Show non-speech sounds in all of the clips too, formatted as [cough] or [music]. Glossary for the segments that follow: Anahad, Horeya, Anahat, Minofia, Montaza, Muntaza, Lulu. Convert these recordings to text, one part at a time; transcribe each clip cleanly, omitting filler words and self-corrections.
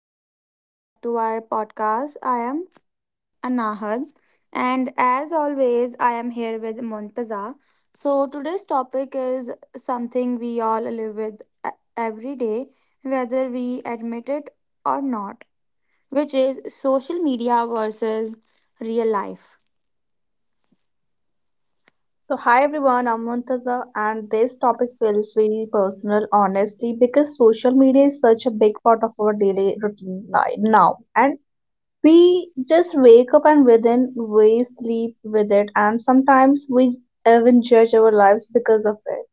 everyone, and welcome back to our podcast. I am Anahad, and as always, I am here with Montaza. So, today's topic is something we all live with every day, whether we admit it or not, which is social media versus real life. So, hi everyone, I'm Muntaza, and this topic feels very personal, honestly, because social media is such a big part of our daily routine life now. And we just wake up and within, we sleep with it, and sometimes we even judge our lives because of it.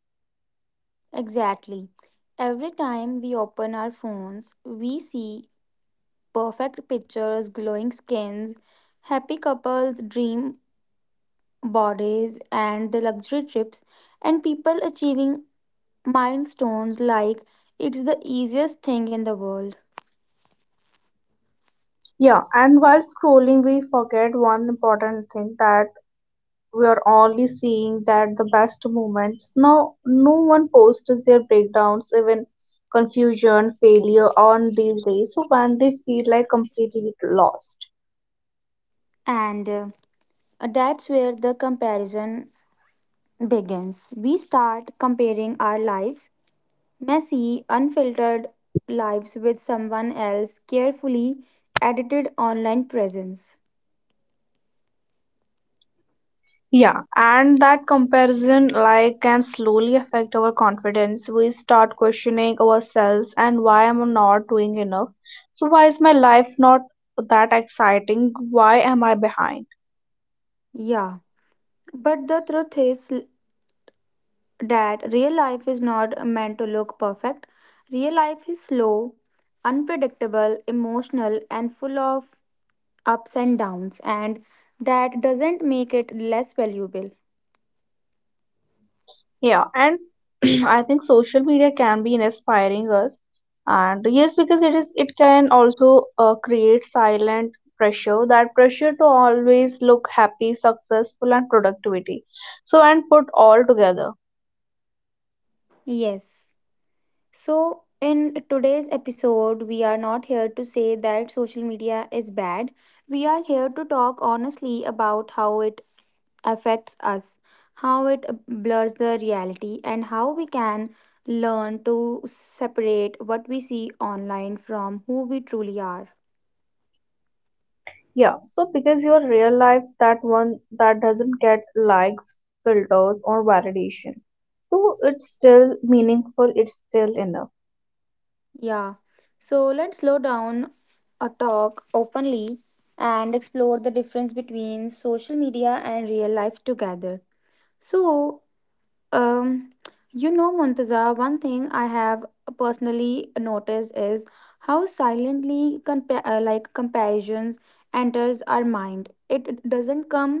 Exactly. Every time we open our phones, we see perfect pictures, glowing skins, happy couples, dream bodies, and the luxury trips, and people achieving milestones like it's the easiest thing in the world. Yeah, and while scrolling, we forget one important thing, that we are only seeing that the best moments. Now no one posts their breakdowns, even confusion, failure on these days, so when they feel like completely lost. And that's where the comparison begins. We start comparing our lives, messy unfiltered lives, with someone else's carefully edited online presence. Yeah, and that comparison, like, can slowly affect our confidence. We start questioning ourselves, and why am I not doing enough? So why is my life not that exciting? Why am I behind? Yeah, but the truth is that real life is not meant to look perfect. Real life is slow, unpredictable, emotional, and full of ups and downs, and that doesn't make it less valuable. Yeah, and [clears throat] I think social media can be inspiring us, and yes, because it is it can also create silent pressure, that pressure to always look happy, successful, and productivity. So and put all together. Yes. So, in today's episode, we are not here to say that social media is bad. We are here to talk honestly about how it affects us, how it blurs the reality, and how we can learn to separate what we see online from who we truly are. Yeah, so because your real life, that one that doesn't get likes, filters, or validation. So it's still meaningful, it's still enough. Yeah, so let's slow down, a talk openly and explore the difference between social media and real life together. So, Um, Muntaza, one thing I have personally noticed is how silently comparisons enters our mind. It doesn't come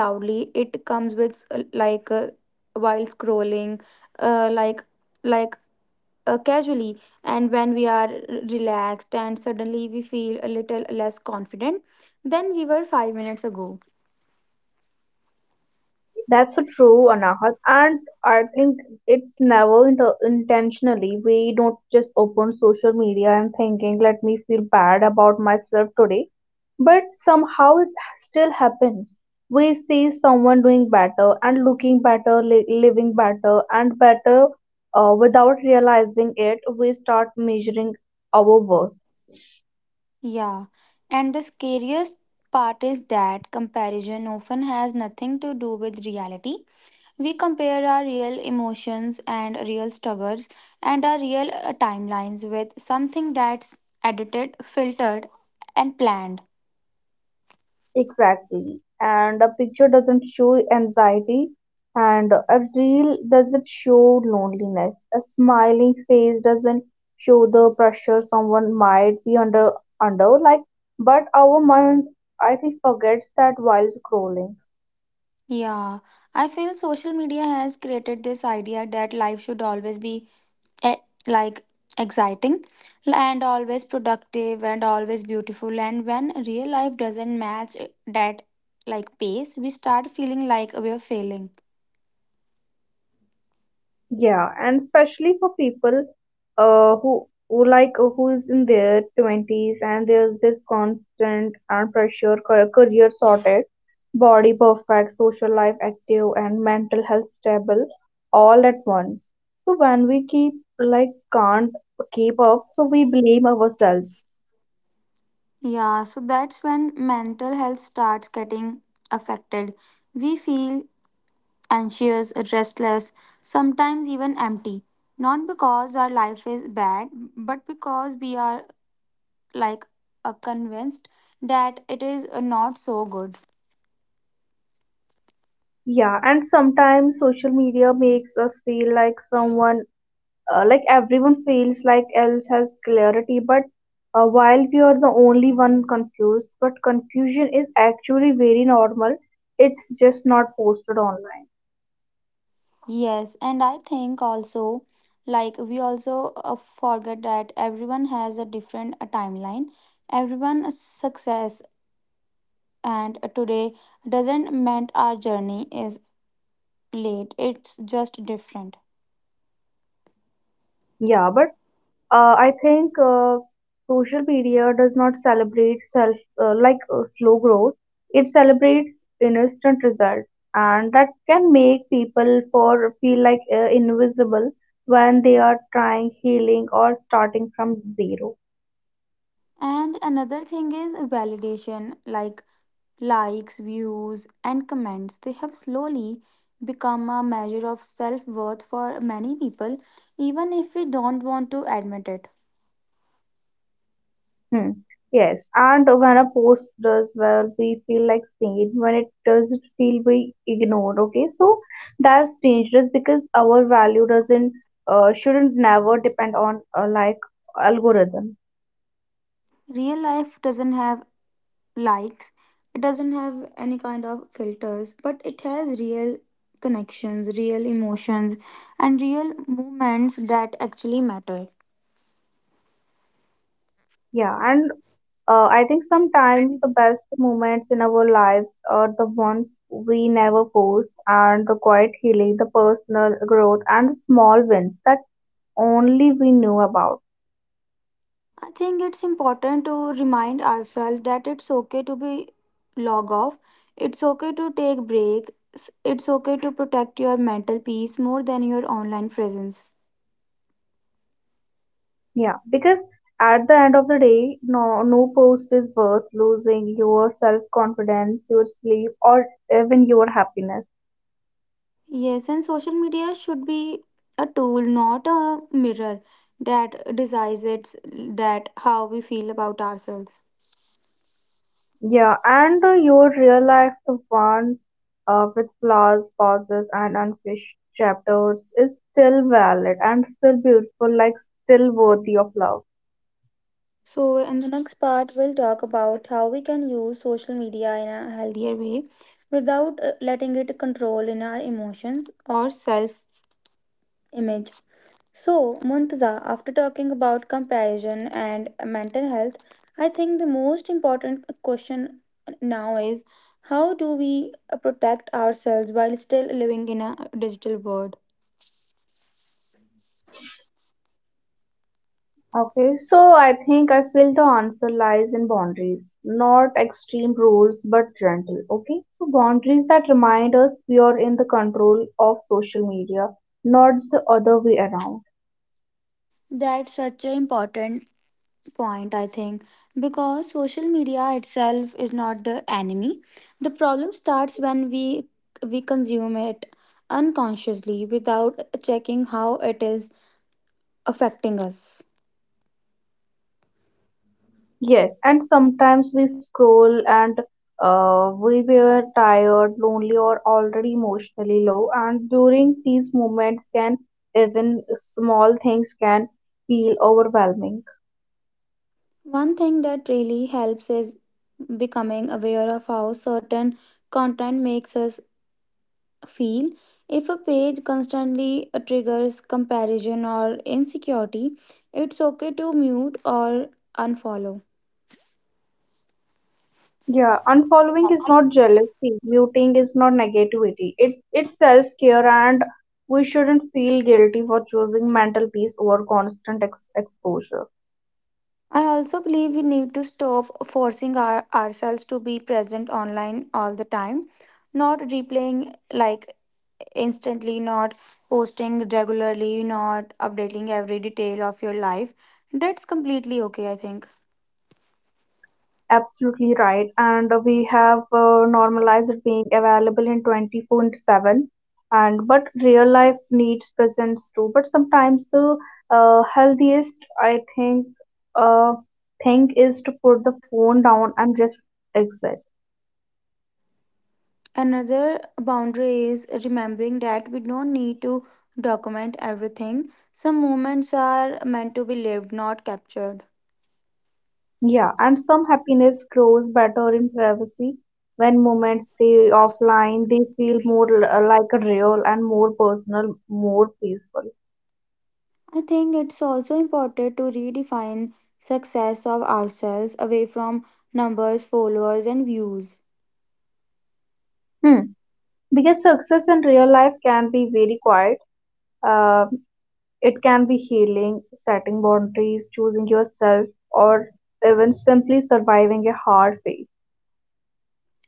loudly. It comes with while scrolling, uh, like like casually, and when we are relaxed and suddenly we feel a little less confident than we were 5 minutes ago. That's so true, Anahat. And I think it's never intentionally. We don't just open social media and thinking, let me feel bad about myself today. But somehow it still happens. We see someone doing better and looking better, living better and better without realizing it. We start measuring our worth. Yeah, and the scariest part is that comparison often has nothing to do with reality. We compare our real emotions and real struggles and our real timelines with something that's edited, filtered, and planned. Exactly. And a picture doesn't show anxiety, and a reel doesn't show loneliness. A smiling face doesn't show the pressure someone might be under, like, but our mind, I think, forgets that while scrolling. Yeah, I feel social media has created this idea that life should always be e- like exciting and always productive and always beautiful, and when real life doesn't match that like pace, we start feeling like we're failing. Yeah, and especially for people who who is in their 20s, and there's this constant and pressure career sorted, body perfect, social life active, and mental health stable, all at once. So when we keep like can't keep up, so we blame ourselves. Yeah, so that's when mental health starts getting affected. We feel anxious, restless, sometimes even empty, not because our life is bad, but because we are like convinced that it is not so good. Yeah, and sometimes social media makes us feel like someone like everyone feels like else has clarity, but while we are the only one confused. But confusion is actually very normal, it's just not posted online. Yes, and I think also, like, we also forget that everyone has a different timeline. Everyone's success and today doesn't mean our journey is late, it's just different. Yeah, but I think social media does not celebrate self slow growth. It celebrates instant results, and that can make people for feel like invisible when they are trying healing or starting from zero. And another thing is validation, like likes, views, and comments. They have slowly become a measure of self worth for many people, even if we don't want to admit it. Hmm. Yes, and when a post does well, we feel like seen. When it doesn't feel, we ignored. Okay, so that's dangerous because our value doesn't shouldn't never depend on like algorithm. Real life doesn't have likes, it doesn't have any kind of filters, but it has real connections, real emotions, and real moments that actually matter. Yeah, and I think sometimes the best moments in our lives are the ones we never post, and the quiet healing, the personal growth, and the small wins that only we knew about. I think it's important to remind ourselves that it's okay to be log off, it's okay to take breaks, it's okay to protect your mental peace more than your online presence. Yeah, because at the end of the day, no post is worth losing your self-confidence, your sleep, or even your happiness. Yes, and social media should be a tool, not a mirror that decides it's that how we feel about ourselves. Yeah, and your real life, the one with flaws, pauses, and unfinished chapters, is still valid and still beautiful, like still worthy of love. So in the next part, we'll talk about how we can use social media in a healthier way without letting it control in our emotions or self image. So, Muntaza, after talking about comparison and mental health, I think the most important question now is how do we protect ourselves while still living in a digital world? Okay, so I think I feel the answer lies in boundaries, not extreme rules, but gentle. Okay, so boundaries that remind us we are in the control of social media, not the other way around. That's such an important point, I think, because social media itself is not the enemy. The problem starts when we consume it unconsciously without checking how it is affecting us. Yes, and sometimes we scroll and we were tired, lonely, or already emotionally low. And during these moments, can even small things can feel overwhelming. One thing that really helps is becoming aware of how certain content makes us feel. If a page constantly triggers comparison or insecurity, it's okay to mute or unfollow. Yeah, unfollowing is not jealousy. Muting is not negativity. It's self care, and we shouldn't feel guilty for choosing mental peace over constant exposure. I also believe we need to stop forcing ourselves to be present online all the time, not replaying like instantly, not posting regularly, not updating every detail of your life. That's completely okay, I think. Absolutely right. And we have normalized it being available in 24/7. And but real life needs presence too. But sometimes the healthiest, I think, uh, thing is to put the phone down and just exit. Another boundary is remembering that we don't need to document everything. Some moments are meant to be lived, not captured. Yeah, and some happiness grows better in privacy. When moments stay offline, they feel more like a real and more personal, more peaceful. I think it's also important to redefine success of ourselves away from numbers, followers, and views. Hmm. Because success in real life can be very quiet. Um, it can be healing, setting boundaries, choosing yourself, or even simply surviving a hard phase.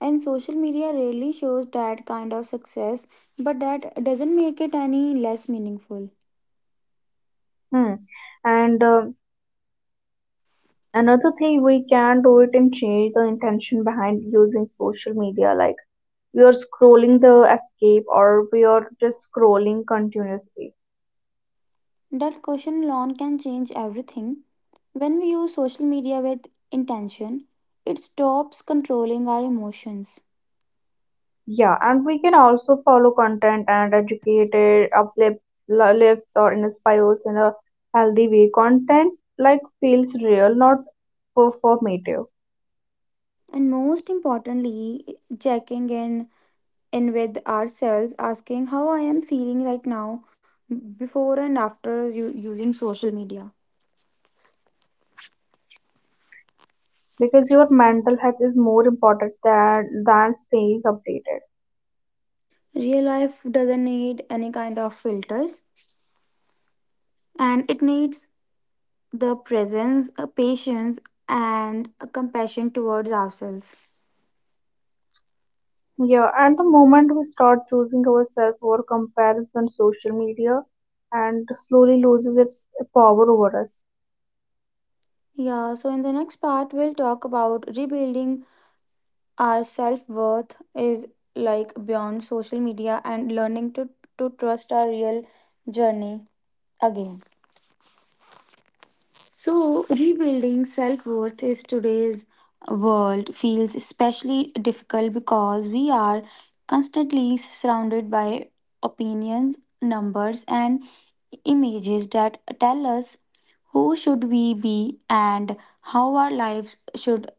And social media rarely shows that kind of success, but that doesn't make it any less meaningful. Hmm. And another thing we can do it and change the intention behind using social media, like we are scrolling the escape or we are just scrolling continuously. That question alone can change everything. When we use social media with intention, it stops controlling our emotions. Yeah, and we can also follow content and educated uplifts, lifts or inspires in a healthy way. Content like feels real, not performative, And most importantly, checking in with ourselves, asking how I am feeling right now before and after using social media. because your mental health is more important than staying updated. Real life doesn't need any kind of filters, and it needs the presence, a patience, and a compassion towards ourselves. Yeah, at the moment we start choosing ourselves over comparison, social media and slowly loses its power over us. Yeah, so in the next part, we'll talk about rebuilding our self-worth is like beyond social media and learning to trust our real journey again. So rebuilding self-worth is today's world feels especially difficult because we are constantly surrounded by opinions, numbers, and images that tell us who should we be and how our lives should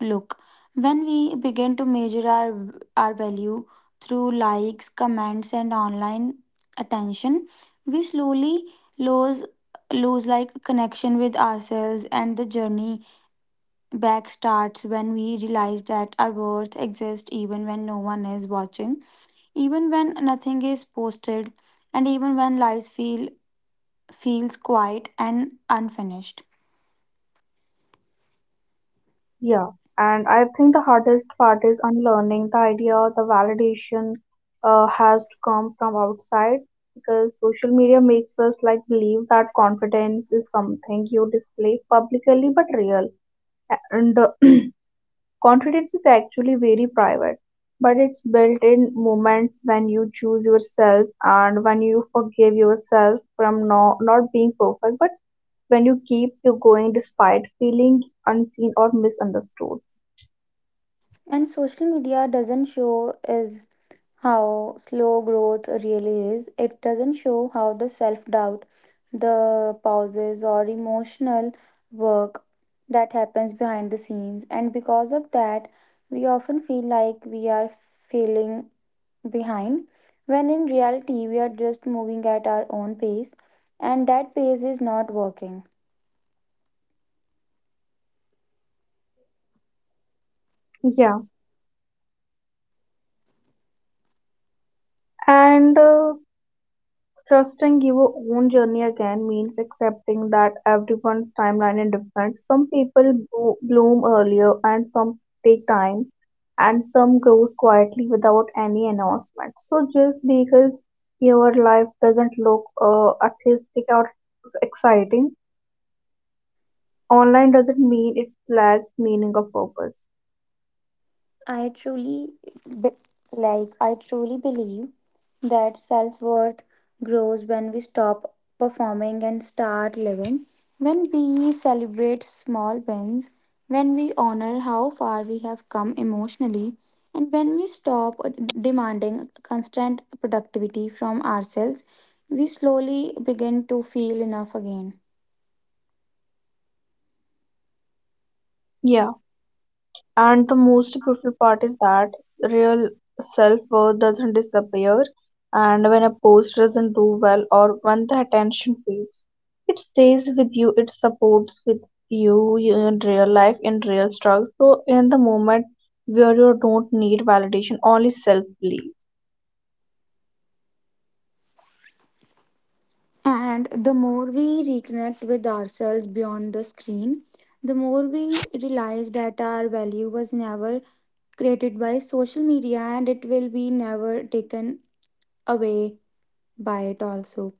look, when we begin to measure our value through likes, comments, and online attention, we slowly lose lose like connection with ourselves, and the journey back starts when we realize that our worth exists even when no one is watching, even when nothing is posted, and even when lives feels quiet and unfinished. Yeah, and I think the hardest part is unlearning the idea the validation has to come from outside, because social media makes us like believe that confidence is something you display publicly, but real and [clears throat] confidence is actually very private, but it's built in moments when you choose yourself and when you forgive yourself from no, not being perfect, but when you keep you going despite feeling unseen or misunderstood. And social media doesn't show is how slow growth really is. It doesn't show how the self doubt, the pauses, or emotional work that happens behind the scenes. And because of that, we often feel like we are feeling behind, when in reality, we are just moving at our own pace, and that pace is not working. Yeah, and trusting your own journey again means accepting that everyone's timeline is different. Some people bloom earlier, and some take time, and some grow quietly without any announcement. So, just because your life doesn't look artistic or exciting, online doesn't mean it lacks meaning or purpose. I truly be- I truly believe that self-worth grows when we stop performing and start living. When we celebrate small wins, when we honor how far we have come emotionally, and when we stop demanding constant productivity from ourselves, we slowly begin to feel enough again. Yeah. And the most beautiful part is that real self worth doesn't disappear, and when a post doesn't do well or when the attention fades, it stays with you, it supports with you in real life, in real struggles. So, in the moment where you don't need validation, only self belief. And the more we reconnect with ourselves beyond the screen, the more we realize that our value was never created by social media, and it will be never taken away by it also.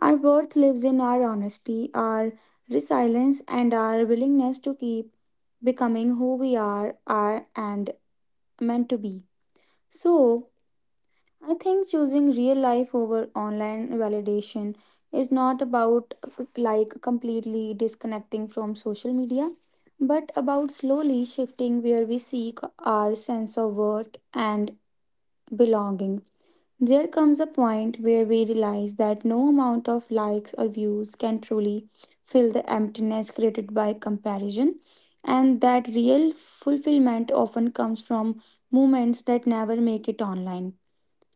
Our worth lives in our honesty, our resilience, and our willingness to keep becoming who we are and meant to be. So, I think choosing real life over online validation is not about like completely disconnecting from social media, but about slowly shifting where we seek our sense of worth and belonging. There comes a point where we realize that no amount of likes or views can truly fill the emptiness created by comparison, and that real fulfillment often comes from moments that never make it online,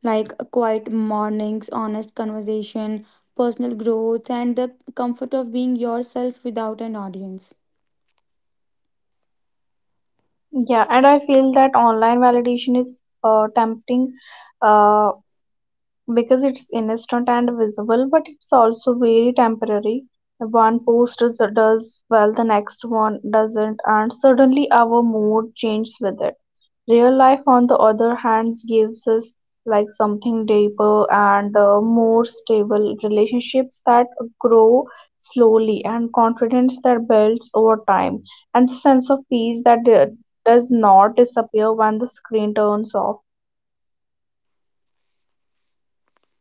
like quiet mornings, honest conversation, personal growth, and the comfort of being yourself without an audience. Yeah, and I feel that online validation is tempting. Uh, because it's instant and visible, but it's also very temporary. One post does well, the next one doesn't, and suddenly our mood changes with it. Real life, on the other hand, gives us like something deeper and more stable relationships that grow slowly, and confidence that builds over time, and the sense of peace that does not disappear when the screen turns off.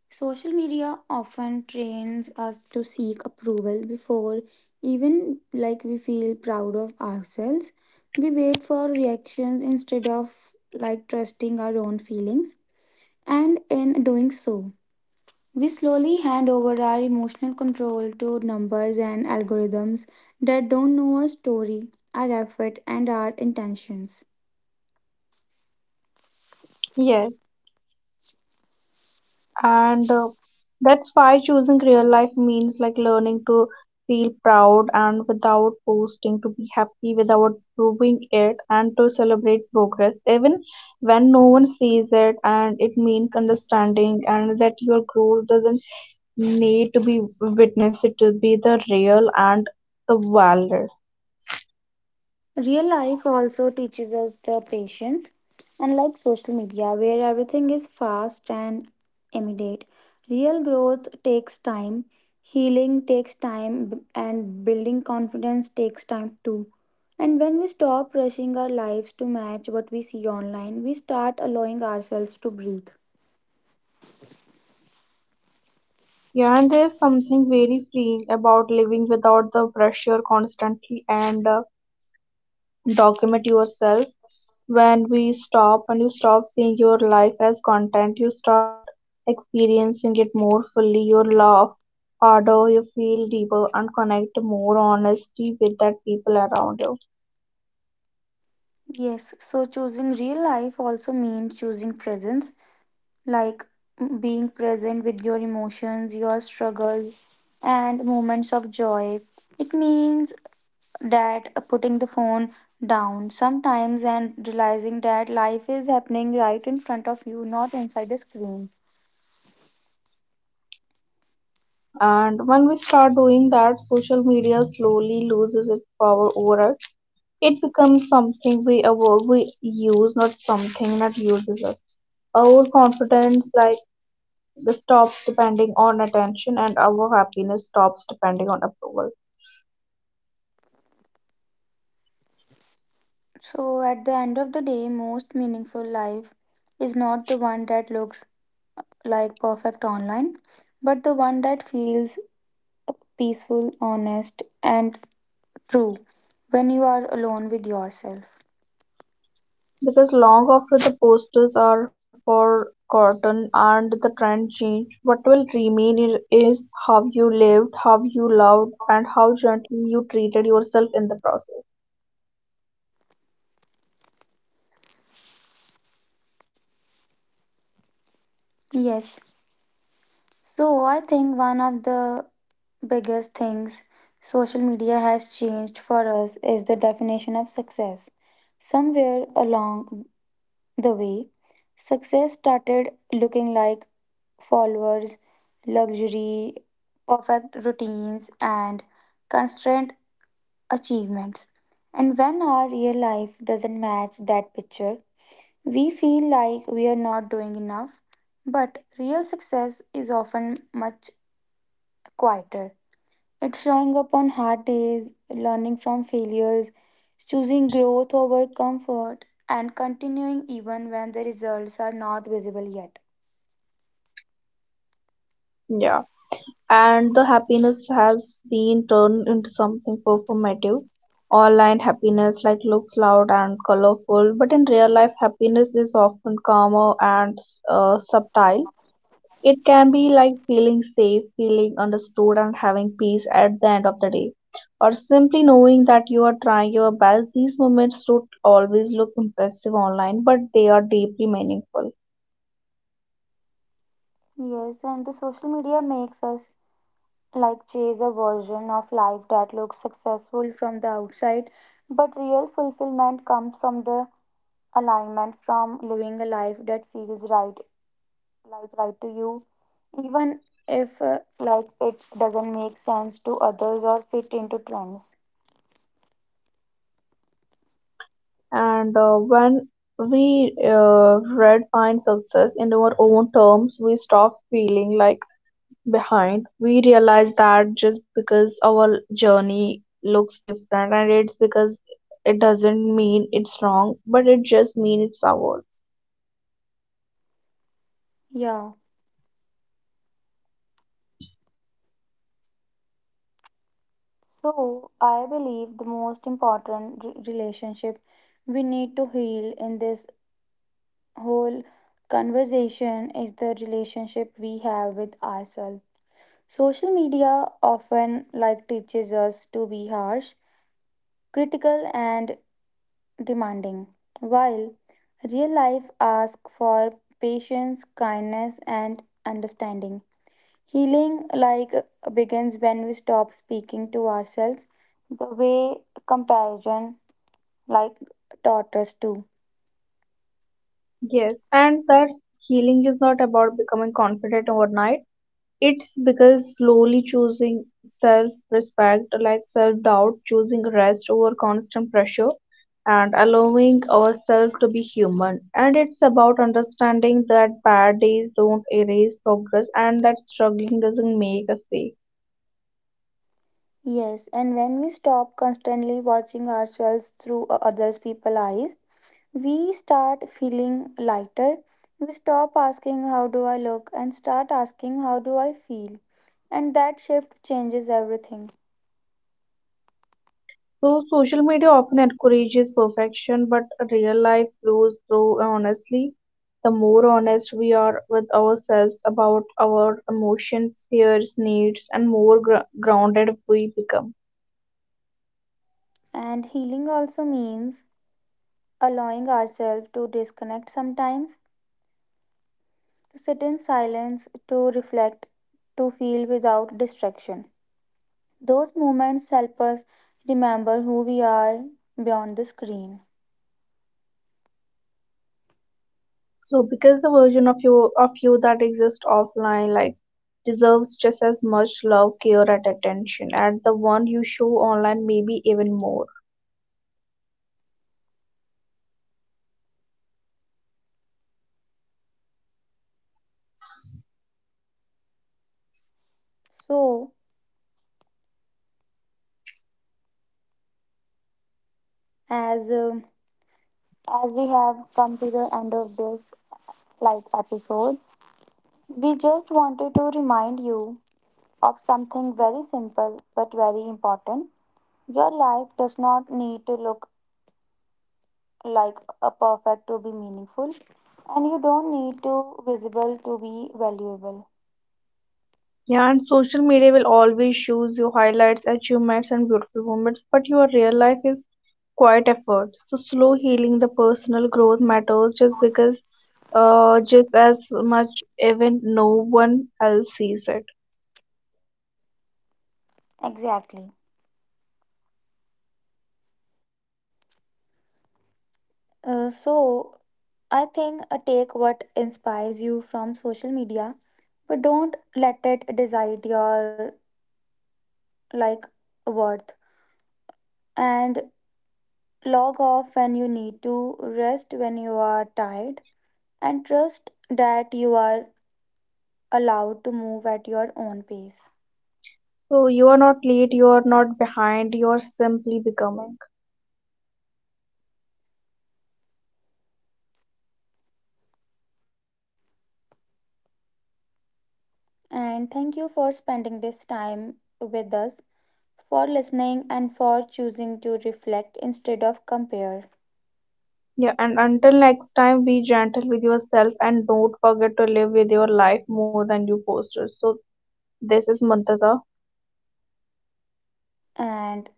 Social media often trains us to seek approval before even like we feel proud of ourselves. We wait for reactions instead of like trusting our own feelings, and in doing so, we slowly hand over our emotional control to numbers and algorithms that don't know our story, our effort, and our intentions. Yes. And that's why choosing real life means like learning to feel proud and without posting, to be happy without proving it, and to celebrate progress even when no one sees it. And it means understanding and that your growth doesn't need to be witnessed it to be the real and the valid. Real life also teaches us the patience. Unlike social media, where everything is fast and immediate, real growth takes time, healing takes time, and building confidence takes time too. And when we stop rushing our lives to match what we see online, we start allowing ourselves to breathe. Yeah, and there's something very freeing about living without the pressure constantly and document yourself. When you stop seeing your life as content, you start experiencing it more fully. Your laugh harder, you feel deeper, and connect more honestly with that people around you. Yes, so choosing real life also means choosing presence, like being present with your emotions, your struggles, and moments of joy. It means that putting the phone down sometimes and realizing that life is happening right in front of you, not inside the screen. And when we start doing that, social media slowly loses its power over us. It becomes something we avoid we use, not something that uses us. Our confidence like this stops depending on attention, and our happiness stops depending on approval. So, at the end of the day, most meaningful life is not the one that looks like perfect online, but the one that feels peaceful, honest, and true, when you are alone with yourself. Because long after the posters are forgotten and the trend change, what will remain is how you lived, how you loved, and how gently you treated yourself in the process. Yes. So I think one of the biggest things social media has changed for us is the definition of success. Somewhere along the way, success started looking like followers, luxury, perfect routines, and constrained achievements. And when our real life doesn't match that picture, we feel like we are not doing enough, but real success is often much quieter. It's showing up on hard days, learning from failures, choosing growth over comfort, and continuing even when the results are not visible yet. Yeah. And the happiness has been turned into something performative. Online happiness like looks loud and colorful, but in real life happiness is often calmer and subtle. It can be like feeling safe, feeling understood, and having peace at the end of the day, or simply knowing that you are trying your best. These moments don't always look impressive online, but they are deeply meaningful. Yes, and the social media makes us like chase a version of life that looks successful from the outside, but real fulfillment comes from the alignment, from living a life that feels right, like right to you, even if like it doesn't make sense to others or fit into trends. And when we redefine success in our own terms, we stop feeling like behind. We realize that just because our journey looks different, and it's because it doesn't mean it's wrong, but it just means it's ours. Yeah, so I believe the most important relationship we need to heal in this whole conversation is the relationship we have with ourselves. Social media often like teaches us to be harsh, critical, and demanding, while real life asks for patience, kindness, and understanding. Healing like begins when we stop speaking to ourselves the way comparison like taught us to. Yes, and that healing is not about becoming confident overnight. It's because slowly choosing self respect, like self doubt, choosing rest over constant pressure, and allowing ourselves to be human. And it's about understanding that bad days don't erase progress and that struggling doesn't make us weak. Yes, and when we stop constantly watching ourselves through others people's eyes, we start feeling lighter. We stop asking, how do I look? And start asking, how do I feel? And that shift changes everything. So, social media often encourages perfection, but real life grows through honestly. The more honest we are with ourselves about our emotions, fears, needs, and more grounded we become. And healing also means allowing ourselves to disconnect sometimes, to sit in silence, to reflect, to feel without distraction. Those moments help us remember who we are beyond the screen. So, because the version of you that exists offline, like deserves just as much love, care, and attention as the one you show online, maybe even more. So, as um as we have come to the end of this light episode, we just wanted to remind you of something very simple but very important. Your life does not need to look like a perfect to be meaningful, and you don't need to visible to be valuable. Yeah, and social media will always shows you highlights, achievements, and beautiful moments, but your real life is quite effort. So slow healing, the personal growth matters just because, just as much even no one else sees it. Exactly. So I think take what inspires you from social media, but don't let it decide your like worth. And log off when you need to, rest when you are tired, and trust that you are allowed to move at your own pace. So you are not late, you are not behind, you are simply becoming. And thank you for spending this time with us, for listening, and for choosing to reflect instead of compare. Yeah, and until next time, be gentle with yourself and don't forget to live with your life more than you posted. So this is Muntaza. And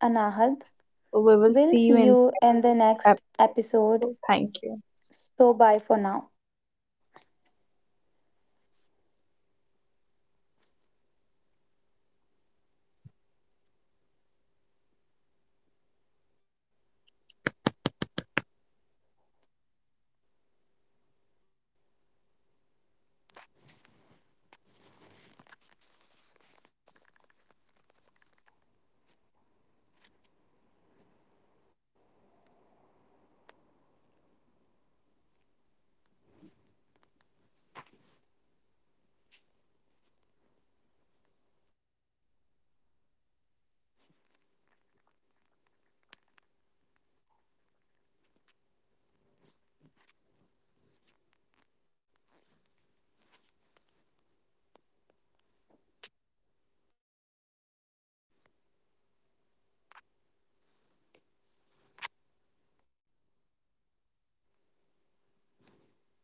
Anahad, So we will we'll see see you in you in the the next episode. episode. Thank you. So, bye for now.